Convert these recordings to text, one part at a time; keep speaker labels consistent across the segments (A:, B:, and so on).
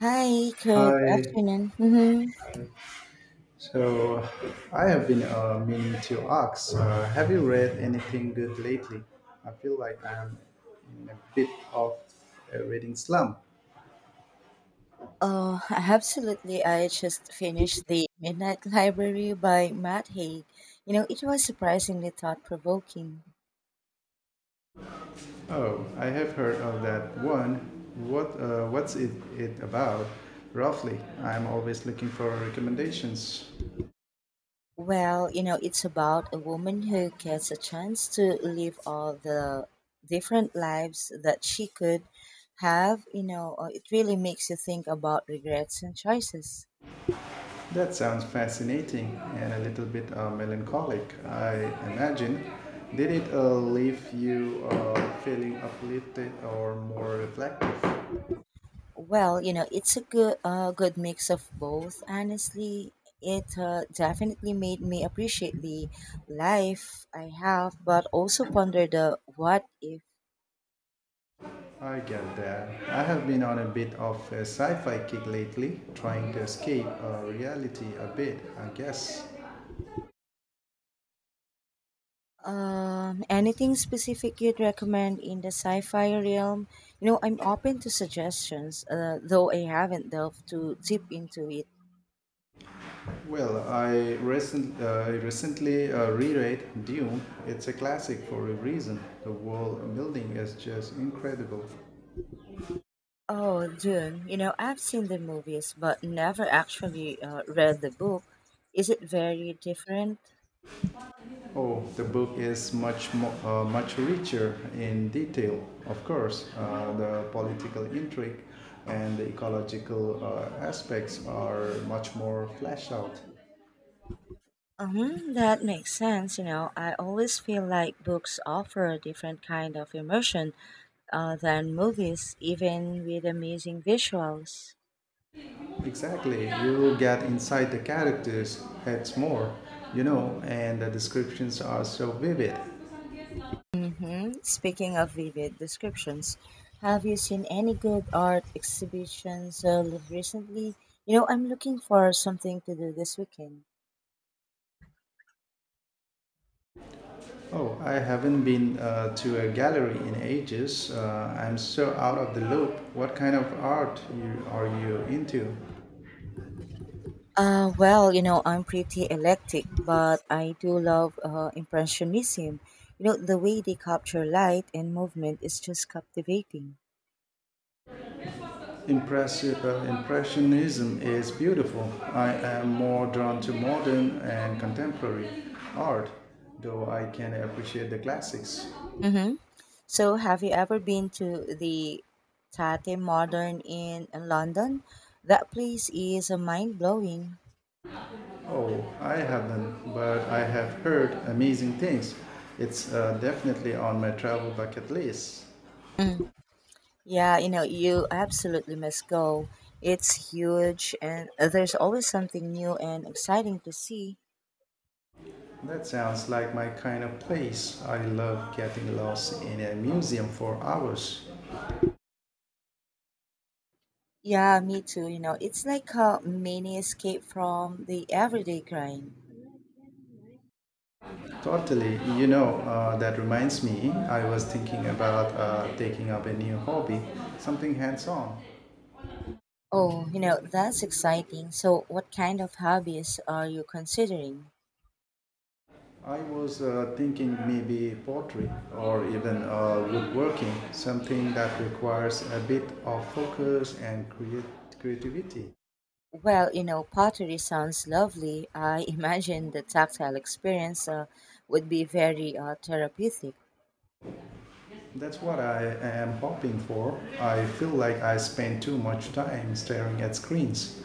A: Hi, good
B: Hi.
A: afternoon. Mm-hmm.
B: So I have been meaning to ask, have you read anything good lately? I feel like I'm in a bit of a reading slump.
A: Oh, absolutely. I just finished The Midnight Library by Matt Haig. You know, it was surprisingly thought provoking.
B: Oh, I have heard of that one. What it about? Roughly, I'm always looking for recommendations.
A: Well, you know, it's about a woman who gets a chance to live all the different lives that she could have. You know, it really makes you think about regrets and choices.
B: That sounds fascinating and a little bit melancholic, I imagine. Did it leave you feeling uplifted or more reflective?
A: Well, you know, it's a good mix of both. Honestly, it definitely made me appreciate the life I have, but also ponder the what if.
B: I get that. I have been on a bit of a sci fi kick lately, trying to escape reality a bit, I guess.
A: Anything specific you'd recommend in the sci-fi realm? You know, I'm open to suggestions, though I haven't delved too deep into it.
B: Well, recently reread Dune. It's a classic for a reason. The world building is just incredible.
A: Oh, Dune. You know, I've seen the movies, but never actually read the book. Is it very different?
B: Oh, the book is much much richer in detail, of course. The political intrigue and the ecological aspects are much more fleshed out.
A: That makes sense. You know, I always feel like books offer a different kind of immersion than movies, even with amazing visuals.
B: Exactly. You get inside the characters' heads more, you know, and the descriptions are so vivid.
A: Mm-hmm. Speaking of vivid descriptions, have you seen any good art exhibitions recently? You know, I'm looking for something to do this weekend.
B: Oh, I haven't been to a gallery in ages. I'm so out of the loop. What kind of art are you into?
A: Well, you know, I'm pretty eclectic, but I do love Impressionism. You know, the way they capture light and movement is just captivating.
B: Impressionism is beautiful. I am more drawn to modern and contemporary art, though I can appreciate the classics.
A: Mm-hmm. So, have you ever been to the Tate Modern in London? That place is mind blowing.
B: Oh, I haven't, but I have heard amazing things. It's definitely on my travel bucket list.
A: Mm. Yeah, you know, you absolutely must go. It's huge and there's always something new and exciting to see.
B: That sounds like my kind of place. I love getting lost in a museum for hours.
A: Yeah, me too. You know, it's like a mini escape from the everyday grind.
B: Totally. That reminds me, I was thinking about taking up a new hobby, something hands on.
A: Oh, you know, that's exciting. So, what kind of hobbies are you considering?
B: I was thinking maybe pottery or even woodworking, something that requires a bit of focus and create creativity.
A: Well, you know, pottery sounds lovely. I imagine the tactile experience would be very therapeutic.
B: That's what I am hoping for. I feel like I spend too much time staring at screens.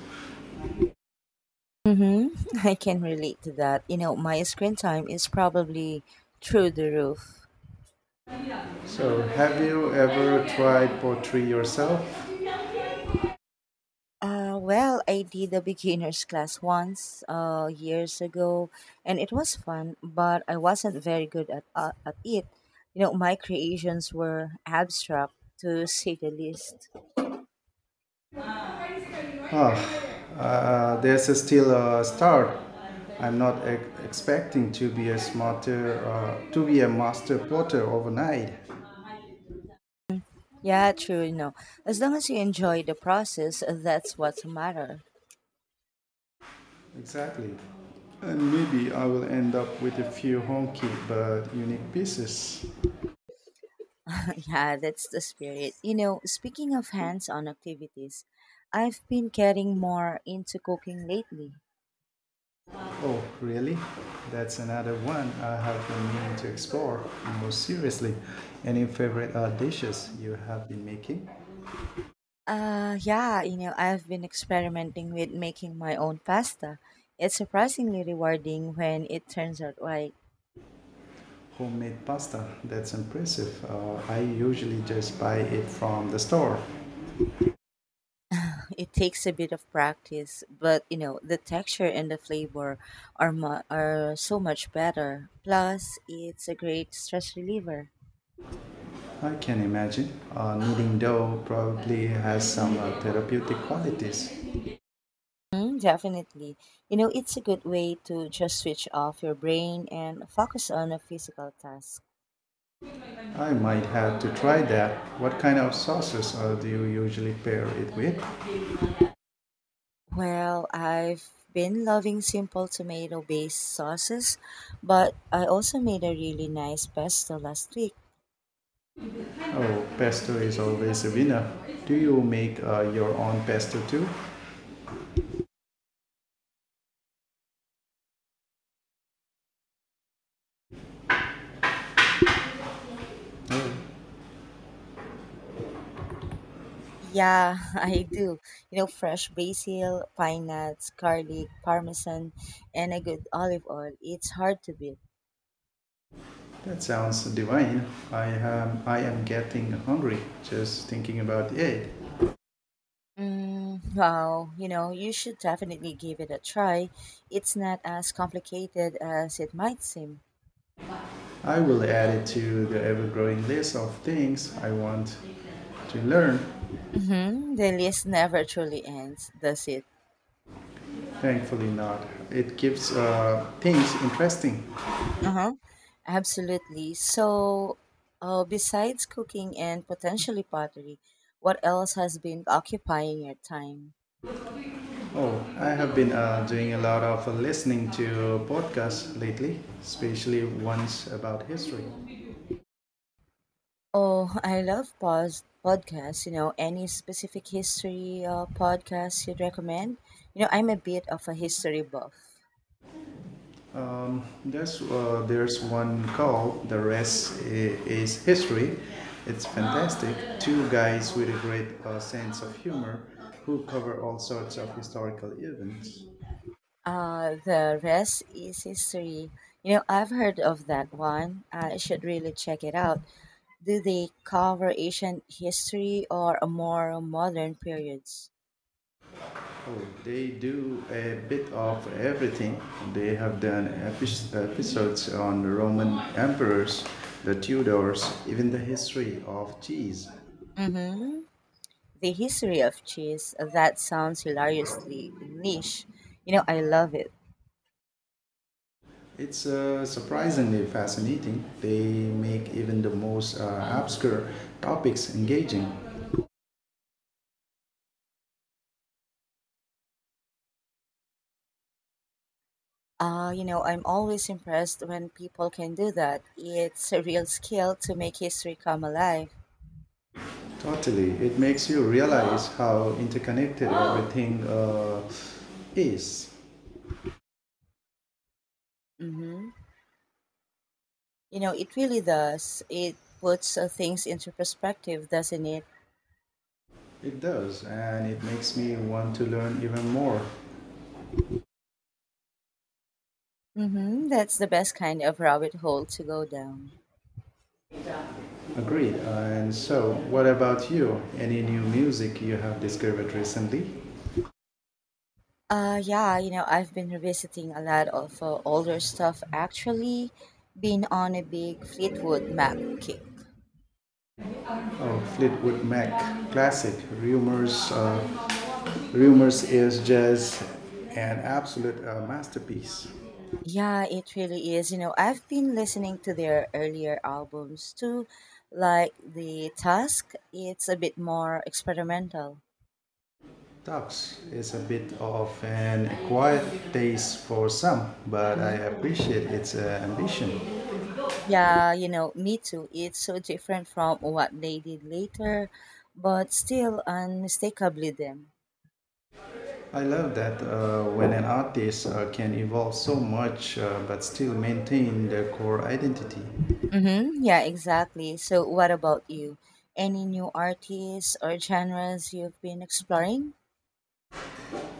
A: Mm-hmm. I can relate to that. You know, my screen time is probably through the roof.
B: So, have you ever tried pottery yourself?
A: Well, I did a beginner's class once years ago, and it was fun, but I wasn't very good at it. You know, my creations were abstract, to say the least.
B: Ah, there's a still a start. I'm not e- expecting to be to be a master potter overnight.
A: Yeah, true. As long as you enjoy the process, that's what matter.
B: Exactly. And maybe I will end up with a few honky but unique pieces.
A: Yeah, that's the spirit. You know, speaking of hands-on activities, I've been getting more into cooking lately.
B: Oh, really? That's another one I have been meaning to explore more seriously. Any favorite dishes you have been making?
A: Yeah, you know, I've been experimenting with making my own pasta. It's surprisingly rewarding when it turns out right.
B: Homemade pasta, that's impressive. I usually just buy it from the store.
A: It takes a bit of practice, but you know, the texture and the flavor are so much better. Plus, it's a great stress reliever.
B: I can imagine. Kneading dough probably has some therapeutic qualities.
A: Mm, definitely. You know, it's a good way to just switch off your brain and focus on a physical task.
B: I might have to try that. What kind of sauces do you usually pair it with?
A: Well, I've been loving simple tomato based sauces, but I also made a really nice pesto last week.
B: Oh, pesto is always a winner. Do you make your own pesto too?
A: Yeah, I do. You know, fresh basil, pine nuts, garlic, parmesan, and a good olive oil. It's hard to beat.
B: That sounds divine. I am getting hungry just thinking about it.
A: Mm, wow, you know, you should definitely give it a try. It's not as complicated as it might seem.
B: I will add it to the ever growing list of things I want to learn.
A: Mm-hmm. The list never truly ends, does it?
B: Thankfully, not. It keeps things interesting.
A: Uh-huh. Absolutely. So, besides cooking and potentially pottery, what else has been occupying your time?
B: Oh, I have been doing a lot of listening to podcasts lately, especially ones about history.
A: Oh, I love pos podcasts. You know, any specific history podcasts you'd recommend? You know, I'm a bit of a history buff.
B: There's one called "The Rest Is History." It's fantastic. Two guys with a great sense of humor who cover all sorts of historical events.
A: The Rest is history. You know, I've heard of that one. I should really check it out. Do they cover ancient history or a more modern periods?
B: Oh, they do a bit of everything. They have done episodes on the Roman emperors, the Tudors, even the history of cheese.
A: Mm-hmm. The history of cheese. That sounds hilariously niche. You know, I love it.
B: It's surprisingly fascinating. They make even the most obscure topics engaging.
A: You know, I'm always impressed when people can do that. It's a real skill to make history come alive.
B: Totally. It makes you realize how interconnected everything is.
A: Mm-hmm. You know, it really does. It puts things into perspective, doesn't it?
B: It does. And it makes me want to learn even more.
A: Mm-hmm. That's the best kind of rabbit hole to go down.
B: Agreed. And so, what about you? Any new music you have discovered recently?
A: Yeah, you know, I've been revisiting a lot of older stuff actually, been on a big Fleetwood Mac kick.
B: Oh, Fleetwood Mac, classic. Rumors, uh, Rumors is just an absolute masterpiece.
A: Yeah, it really is. You know, I've been listening to their earlier albums too, like The Task. It's a bit more experimental.
B: Talks is a bit of an acquired taste for some, but I
A: Hmm.
B: appreciate its ambition.
A: Yeah, you know, me too. It's so different from what they did later, but still unmistakably them.
B: I love that when an artist can evolve so much but still maintain their core identity.
A: Mm-hmm. Yeah, exactly. So, what about you? Any new artists or genres you've been exploring?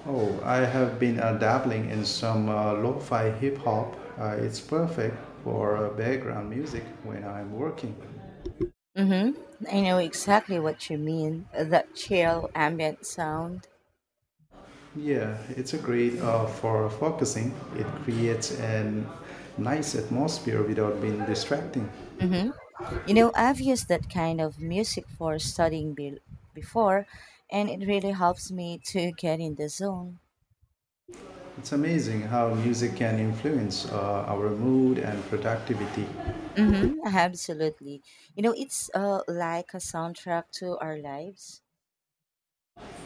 B: Oh, I have been dabbling in some lo fi hip hop. It's perfect for background music when I'm working.
A: Mm-hmm. I know exactly what you mean. That chill ambient sound.
B: Yeah, it's a great for focusing. It creates a nice atmosphere without being distracting.
A: Mm-hmm. You know, I've used that kind of music for studying before, and it really helps me to get in the zone.
B: It's amazing how music can influence our mood and productivity.
A: Mm-hmm. Absolutely. You know, it's like a soundtrack to our lives.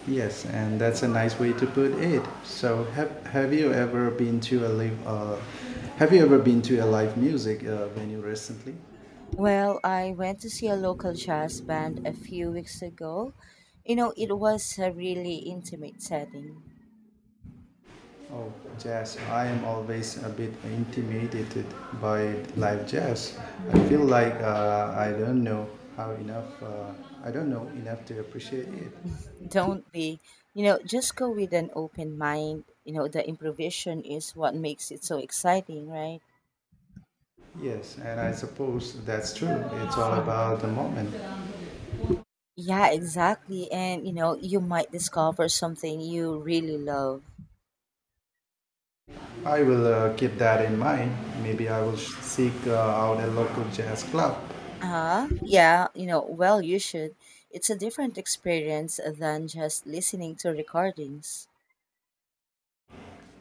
B: Yes, and that's a nice way to put it. So, have you ever been to a live? Have you ever been to a live music venue recently?
A: Well, I went to see a local jazz band a few weeks ago. You know, it was a really intimate setting.
B: Oh, jazz! I am always a bit intimidated by live jazz. I
A: Hmm.
B: feel like I don't know how enough. I don't know enough to appreciate it.
A: Don't be, you know, just go with an open mind. You know, the improvisation is what makes it so exciting, right?
B: Yes, and I suppose that's true. It's all
A: Mhm.
B: about the moment.
A: Yeah, exactly. And, you know, you might discover something you really love.
B: I will keep that in mind. Maybe I will seek out a local jazz club.
A: Yeah, you know, well, you should. It's a different experience than just listening to recordings.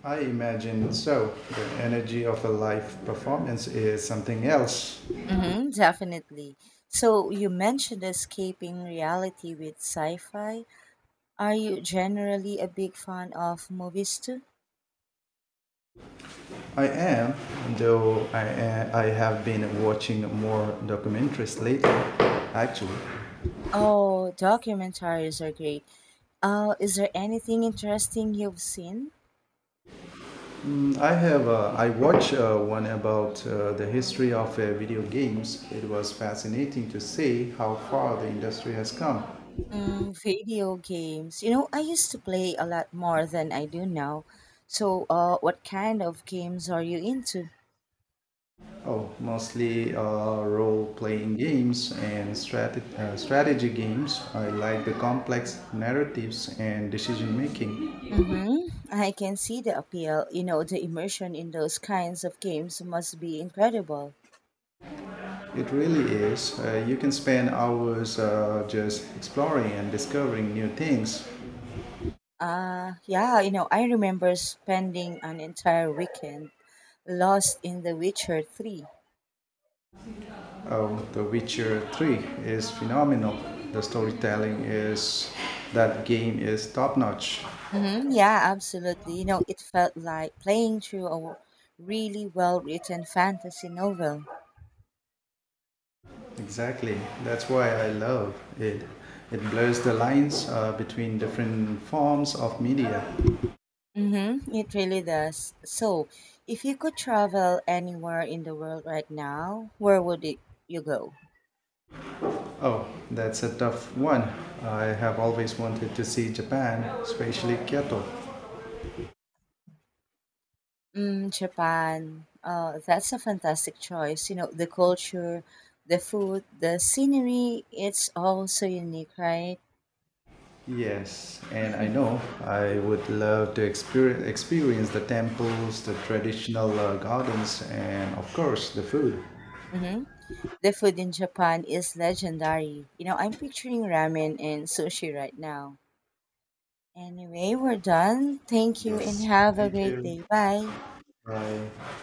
B: I imagine so. The energy of a live performance is something else.
A: Mm-hmm, definitely. So you mentioned escaping reality with sci-fi. Are you generally a big fan of movies too?
B: I am, though I have been watching more documentaries lately. Actually,
A: Oh, documentaries are great. Is there anything interesting you've seen?
B: mm, I have. I watched one about the history of video games. It was fascinating to see how far the industry has come.
A: Mm, video games. You know, I used to play a lot more than I do now. So, what kind of games are you into?
B: Oh, mostly role playing games and strategy games. I like the complex narratives and decision making.
A: Mm-hmm. I can see the appeal. You know, the immersion in those kinds of games must be incredible.
B: It really is. You can spend hours just exploring and discovering new things.
A: Yeah, you know, I remember spending an entire weekend lost in The Witcher 3.
B: Oh, The Witcher 3 is phenomenal. The storytelling is, that game is top notch.
A: Hmm. Yeah, absolutely. You know, it felt like playing through a really well written fantasy novel.
B: Exactly. That's why I love it. It blurs the lines between different forms of media.
A: Mm-hmm, it really does. So, if you could travel anywhere in the world right now, you go?
B: Oh, that's a tough one. I have always wanted to see Japan, especially Kyoto.
A: Mm, Japan. That's a fantastic choice. You know, the culture, the food, the scenery, it's all so unique, right?
B: Yes, and I know I would love to experience the temples, the traditional gardens, and of course the food.
A: Hmm. The food in Japan is legendary. You know, I'm picturing ramen and sushi right now. Anyway, we're done. Thank you and
B: Yes,
A: have a
B: thank
A: great
B: you.
A: day. Bye.
B: Bye.